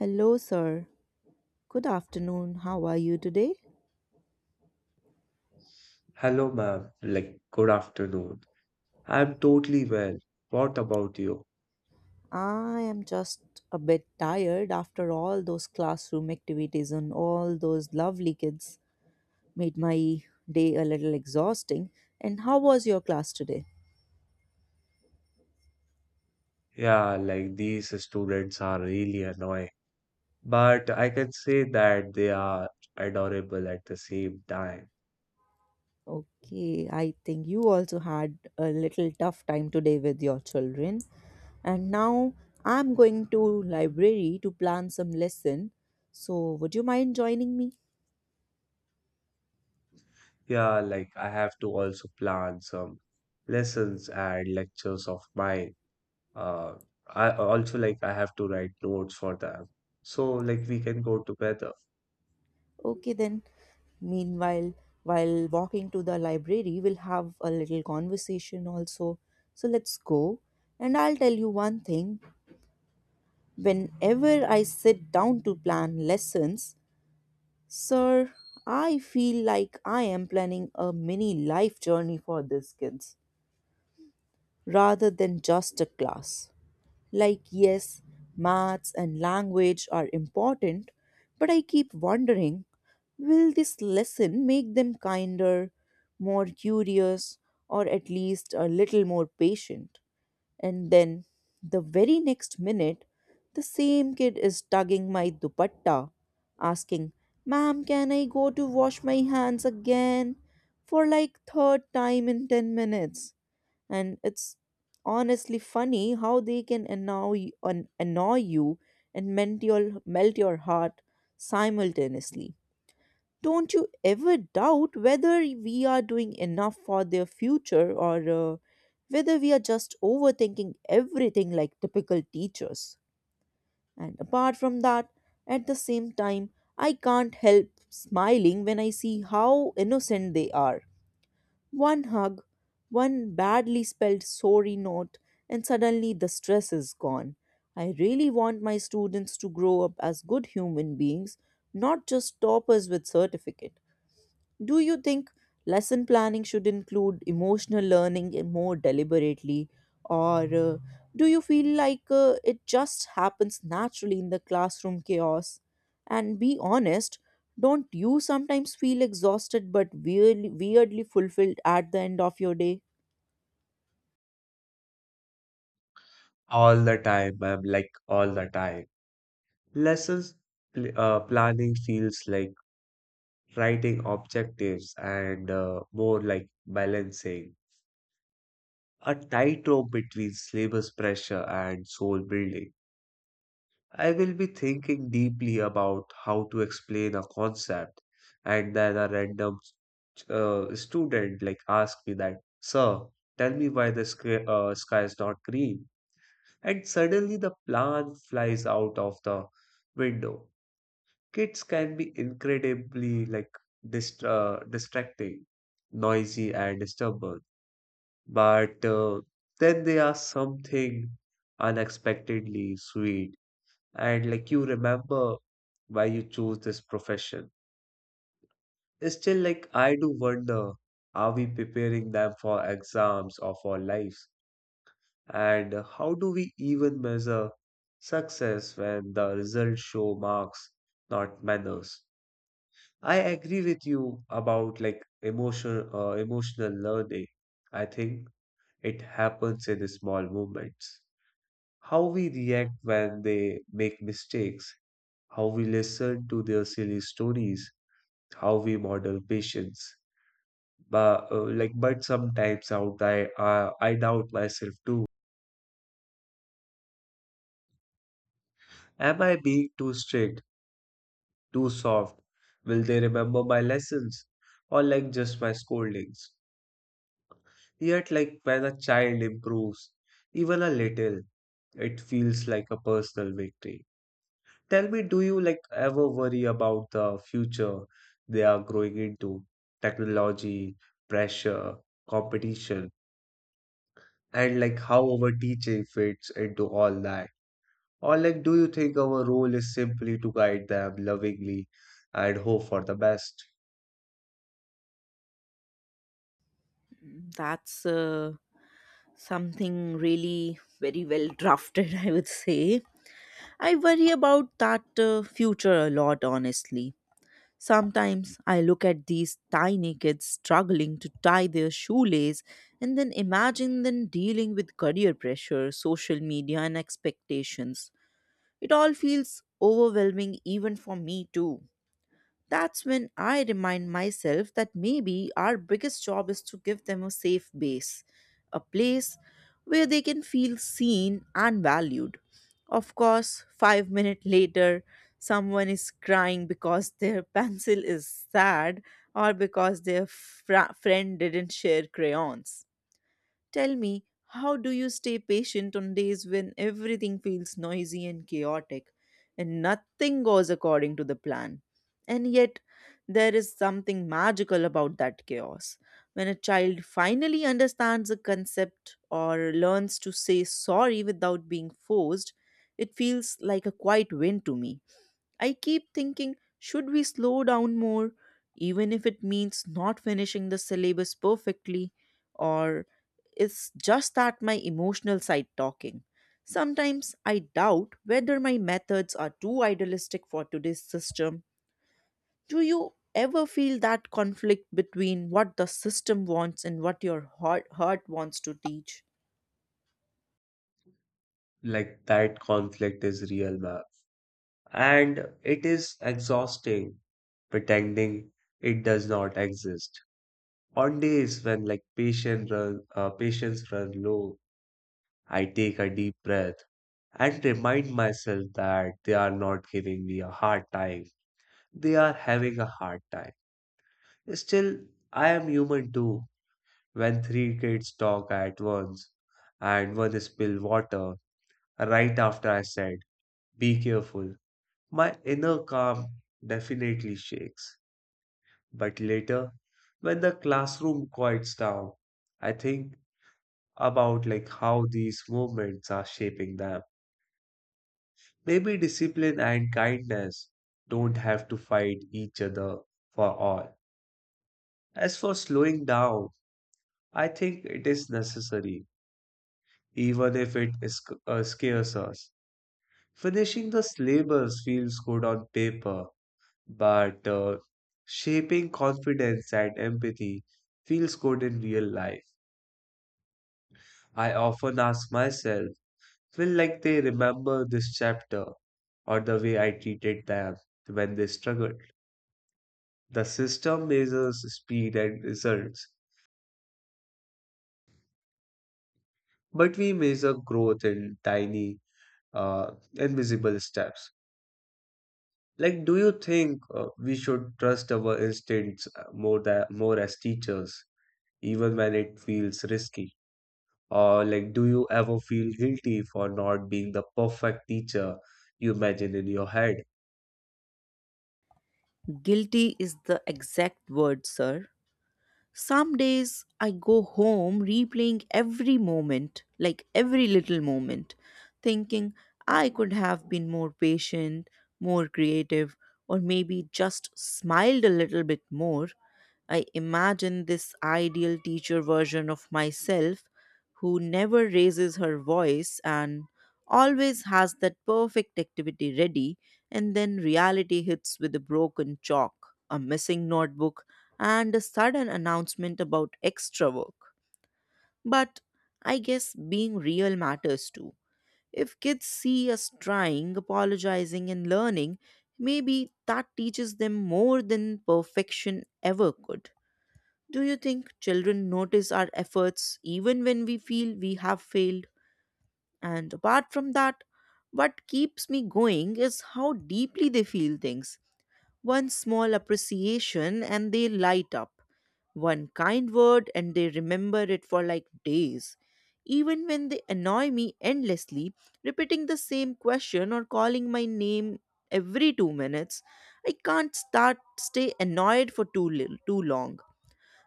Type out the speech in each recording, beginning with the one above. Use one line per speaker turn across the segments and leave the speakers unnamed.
Hello, sir. Good afternoon. How are you today?
Hello, ma'am. Like, good afternoon. I'm totally well. What about you?
I am just a bit tired after all those classroom activities and all those lovely kids made my day a little exhausting. And how was your class today?
Yeah, like these students are really annoying, but I can say that they are adorable at the same time.
Okay, I think you also had a little tough time today with your children. And now I'm going to library to plan some lesson. So, would you mind joining me?
Yeah, like I have to also plan some lessons and lectures of mine. Uh, I also like I have to write notes for them. So like we can go together
Okay, then. Meanwhile, while walking to the library, we'll have a little conversation also. So let's go. And I'll tell you one thing whenever I sit down to plan lessons, sir, I feel like I am planning a mini life journey for these kids rather than just a class. Like, yes, maths and language are important, but I keep wondering, will this lesson make them kinder, more curious, or at least a little more patient? And then the very next minute, the same kid is tugging my dupatta, asking, "Ma'am, can I go to wash my hands again?" For like third time in 10 minutes. And it's honestly funny how they can annoy you and melt your heart simultaneously. Don't you ever doubt whether we are doing enough for their future, or whether we are just overthinking everything like typical teachers? And apart from that, at the same time, I can't help smiling when I see how innocent they are. One hug, one badly spelled sorry note, and suddenly the stress is gone. I really want my students to grow up as good human beings, not just toppers with certificate. Do you think lesson planning should include emotional learning in more deliberately, or do you feel like it just happens naturally in the classroom chaos? And be honest, don't you sometimes feel exhausted but weirdly fulfilled at the end of your day?
all the time, ma'am, like all the time. Lessons planning feels like writing objectives and more like balancing a tightrope between syllabus pressure and soul building. I will be thinking deeply about how to explain a concept, and then a random student like ask me that, sir, tell me why the sky, sky is not green. And suddenly the plan flies out of the window. Kids can be incredibly like distracting, noisy, and disturbing, but then they are something unexpectedly sweet and like you remember why you chose this profession. It's still like I do wonder, are we preparing them for exams or for lives? And how do we even measure success when the results show marks, not manners? I agree with you about like emotional learning. I think it happens in small moments. How we react when they make mistakes, how we listen to their silly stories, how we model patience. But like, but sometimes out I doubt myself too. Am I being too strict, too soft? Will they remember my lessons or like just my scoldings? Yet, like when a child improves, even a little, it feels like a personal victory. Tell me, do you like ever worry about the future they are growing into? Technology, pressure, competition, and like how our teaching fits into all that? Or like, do you think our role is simply to guide them lovingly and hope for the best?
That's something really very well drafted, I would say. I worry about that future a lot, honestly. Sometimes I look at these tiny kids struggling to tie their shoelace and then imagine them dealing with career pressure, social media, and expectations. It all feels overwhelming even for me, too. That's when I remind myself that maybe our biggest job is to give them a safe base, a place where they can feel seen and valued. Of course, 5 minutes later, someone is crying because their pencil is sad or because their friend didn't share crayons. Tell me, how do you stay patient on days when everything feels noisy and chaotic and nothing goes according to the plan? And yet, there is something magical about that chaos. When a child finally understands a concept or learns to say sorry without being forced, it feels like a quiet win to me. I keep thinking, should we slow down more, even if it means not finishing the syllabus perfectly? Or is just that my emotional side talking? Sometimes I doubt whether my methods are too idealistic for today's system. Do you ever feel that conflict between what the system wants and what your heart wants to teach?
Like that conflict is real, man. And it is exhausting pretending it does not exist. On days when like patients run low, I take a deep breath and remind myself that they are not giving me a hard time. They are having a hard time. Still, I am human too. When three kids talk at once and one spill water right after I said, be careful, my inner calm definitely shakes. But later, when the classroom quiets down, I think about like how these movements are shaping them. Maybe discipline and kindness don't have to fight each other for all. As for slowing down, I think it is necessary, even if it is, scares us. Finishing the syllabus feels good on paper, but shaping confidence and empathy feels good in real life. I often ask myself, will like they remember this chapter or the way I treated them when they struggled? The system measures speed and results, but we measure growth in tiny, invisible steps. Like, do you think we should trust our instincts more than more as teachers, even when it feels risky? Or like, do you ever feel guilty for not being the perfect teacher you imagine in your head?
Guilty is the exact word, sir. Some days I go home replaying every moment, like every little moment, thinking I could have been more patient, more creative, or maybe just smiled a little bit more. I imagine this ideal teacher version of myself who never raises her voice and always has that perfect activity ready, and then reality hits with a broken chalk, a missing notebook, and a sudden announcement about extra work. But I guess being real matters too. If kids see us trying, apologizing, and learning, maybe that teaches them more than perfection ever could. Do you think children notice our efforts even when we feel we have failed? And apart from that, what keeps me going is how deeply they feel things. One small appreciation and they light up. One kind word and they remember it for like days. Even when they annoy me endlessly, repeating the same question or calling my name every 2 minutes, I can't start stay annoyed for too long.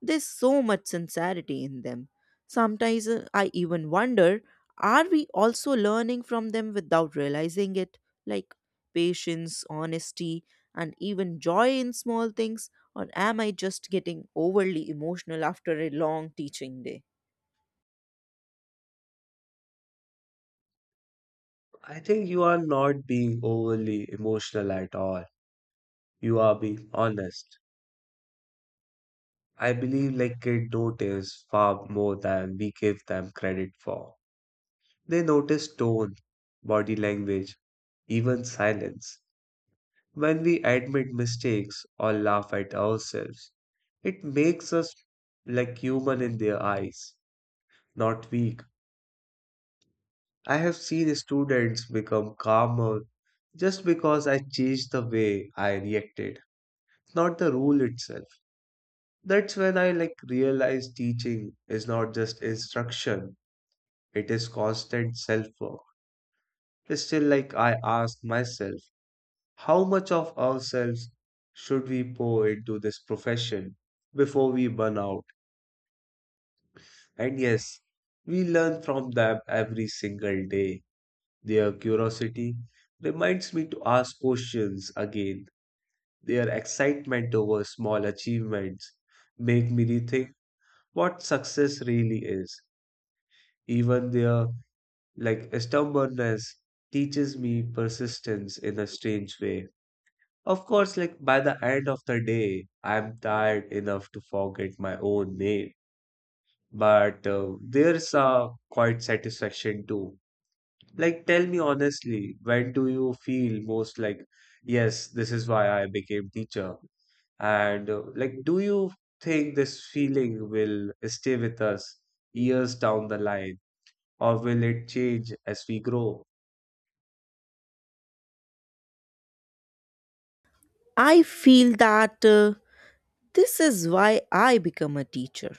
There's so much sincerity in them. Sometimes I even wonder, are we also learning from them without realizing it? Like patience, honesty, and even joy in small things? Or am I just getting overly emotional after a long teaching day?
I think you are not being overly emotional at all. You are being honest. I believe like kids notice far more than we give them credit for. They notice tone, body language, even silence. When we admit mistakes or laugh at ourselves, it makes us like human in their eyes, not weak. I have seen students become calmer just because I changed the way I reacted, not the rule itself. That's when I like realized teaching is not just instruction, it is constant self work. Still, like I ask myself, how much of ourselves should we pour into this profession before we burn out? And yes, we learn from them every single day. Their curiosity reminds me to ask questions again. Their excitement over small achievements make me rethink what success really is. Even their like stubbornness teaches me persistence in a strange way. Of course, like by the end of the day, I'm tired enough to forget my own name. But there's a quite satisfaction too. Like, tell me honestly, when do you feel most like, yes, this is why I became teacher? And like, do you think this feeling will stay with us years down the line, or will it change as we grow?
I feel that this is why I become a teacher.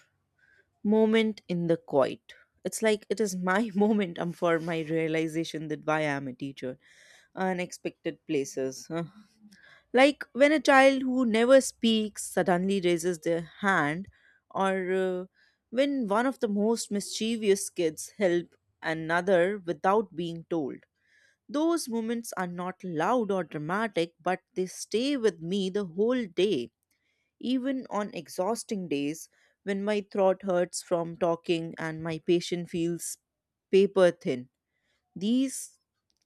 Moment in the quiet. It's like it is my moment for my realization that why I'm a teacher. Unexpected places. Huh? Like when a child who never speaks suddenly raises their hand, or uh, when one of the most mischievous kids help another without being told. Those moments are not loud or dramatic, but they stay with me the whole day even on exhausting days when my throat hurts from talking and my patient feels paper thin. These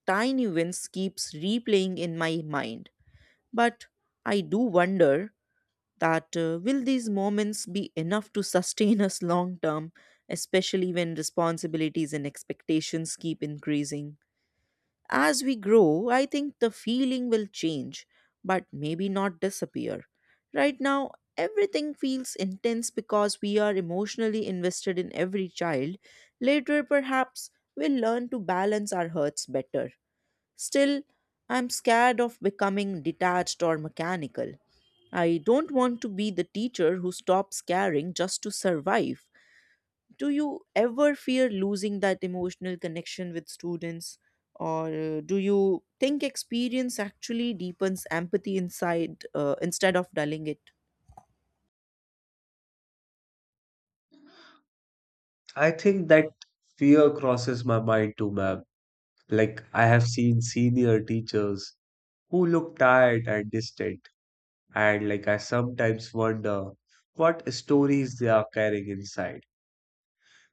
tiny wins keeps replaying in my mind, but I do wonder that will these moments be enough to sustain us long term, especially when responsibilities and expectations keep increasing? As we grow, I think the feeling will change, but maybe not disappear. Right now, everything feels intense because we are emotionally invested in every child. Later, perhaps, we'll learn to balance our hurts better. Still, I'm scared of becoming detached or mechanical. I don't want to be the teacher who stops caring just to survive. Do you ever fear losing that emotional connection with students, or do you think experience actually deepens empathy inside instead of dulling it?
I think that fear crosses my mind too, ma'am. Like, I have seen senior teachers who look tired and distant, and like, I sometimes wonder what stories they are carrying inside.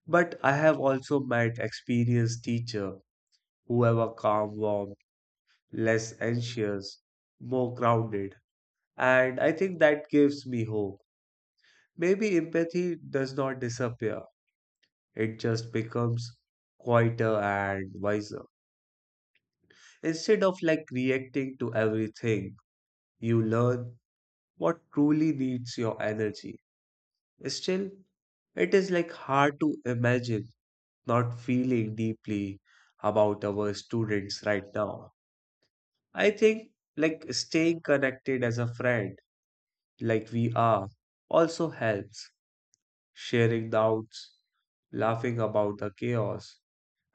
But I have also met experienced teacher who have a calm, warm, less anxious, more grounded, and I think that gives me hope. Maybe empathy does not disappear; it just becomes quieter and wiser. Instead of like reacting to everything, you learn what truly needs your energy. Still, it is like hard to imagine not feeling deeply about our students right now. I think like staying connected as a friend, like we are, also helps. Sharing doubts, laughing about the chaos,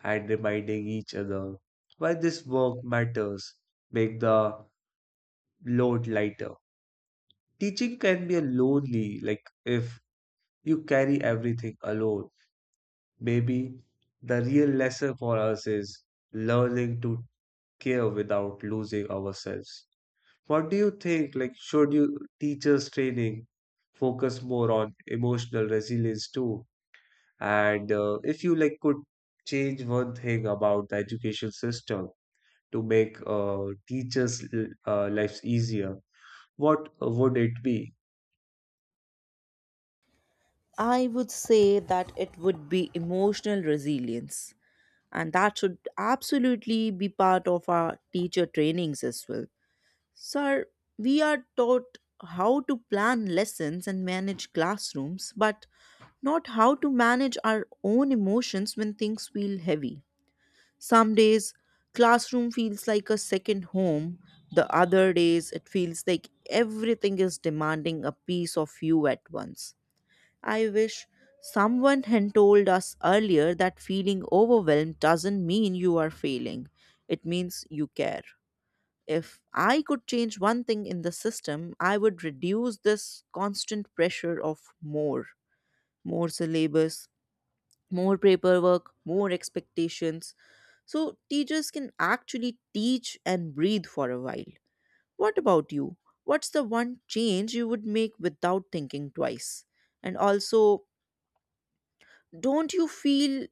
and reminding each other why this work matters, make the load lighter. Teaching can be a lonely, like if you carry everything alone. Maybe the real lesson for us is learning to care without losing ourselves. What do you think? Like, should you teachers training focus more on emotional resilience too? And if you like could change one thing about the education system to make lives easier, what would it be?
I would say that it would be emotional resilience, and that should absolutely be part of our teacher trainings as well, sir. We are taught how to plan lessons and manage classrooms but not how to manage our own emotions when things feel heavy. Some days, classroom feels like a second home. The other days, it feels like everything is demanding a piece of you at once. I wish someone had told us earlier that feeling overwhelmed doesn't mean you are failing, it means you care. If I could change one thing in the system, I would reduce this constant pressure of more. More syllabus, more paperwork, more expectations. So teachers can actually teach and breathe for a while. What about you? What's the one change you would make without thinking twice? And also, don't you feel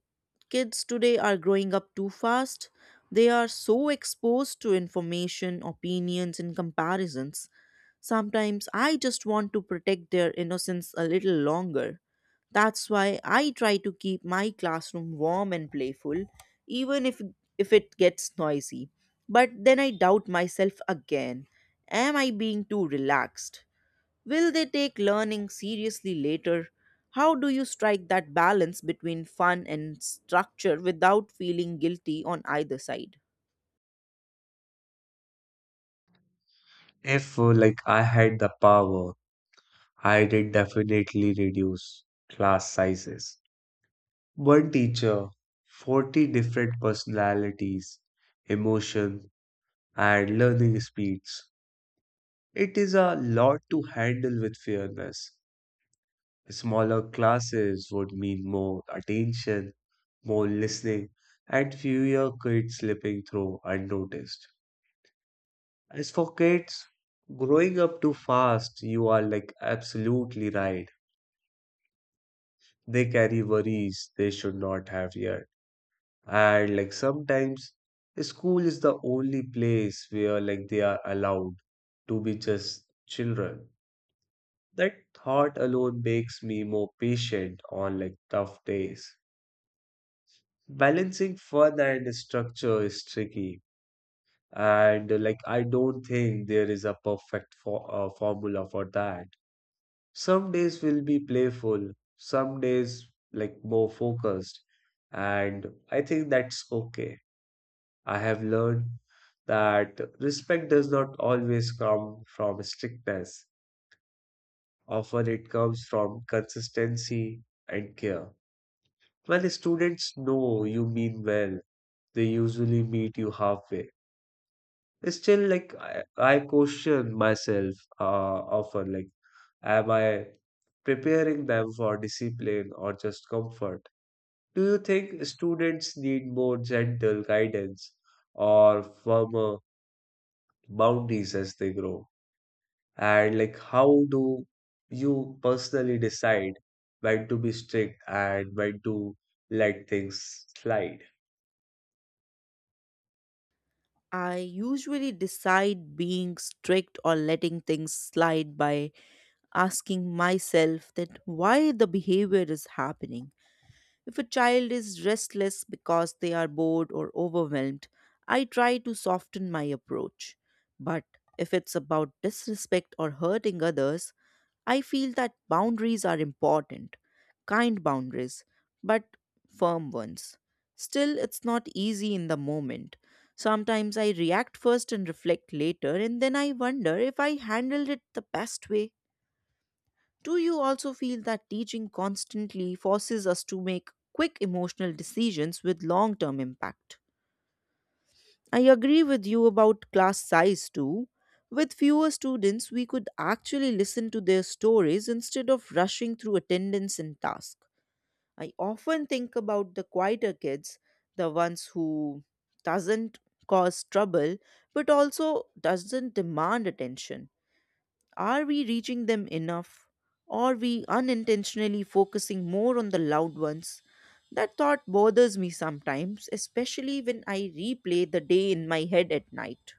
kids today are growing up too fast? They are so exposed to information, opinions, and comparisons. Sometimes I just want to protect their innocence a little longer. That's why I try to keep my classroom warm and playful, even if it gets noisy. But then I doubt myself again. Am I being too relaxed? Will they take learning seriously later? How do you strike that balance between fun and structure without feeling guilty on either side?
If like I had the power I did definitely reduce class sizes. One teacher, 40 different personalities, emotion, and learning speeds. It is a lot to handle with fairness. Smaller classes would mean more attention, more listening, and fewer kids slipping through unnoticed. As for kids, growing up too fast, you are like absolutely right. They carry worries they should not have yet. And like sometimes school is the only place where like they are allowed to be just children. That thought alone makes me more patient on like tough days. Balancing fun and structure is tricky. And like I don't think there is a perfect for formula for that. Some days will be playful, some days like more focused, and I think that's okay. I have learned that respect does not always come from strictness. Often it comes from consistency and care. When students know you mean well, they usually meet you halfway. Still, like, I question myself often, like, am I preparing them for discipline or just comfort? Do you think students need more gentle guidance or firmer boundaries as they grow? And like, how do you personally decide when to be strict and when to let things slide?
I usually decide being strict or letting things slide by asking myself that why the behavior is happening. If a child is restless because they are bored or overwhelmed, I try to soften my approach. But if it's about disrespect or hurting others, I feel that boundaries are important. Kind boundaries, but firm ones. Still, it's not easy in the moment. Sometimes I react first and reflect later, and then I wonder if I handled it the best way. Do you also feel that teaching constantly forces us to make quick emotional decisions with long term impact? I agree with you about class size too. With fewer students, we could actually listen to their stories instead of rushing through attendance and task. I often think about the quieter kids, the ones who doesn't cause trouble but also doesn't demand attention. Are we reaching them enough? Are we unintentionally focusing more on the loud ones? That thought bothers me sometimes, especially when I replay the day in my head at night.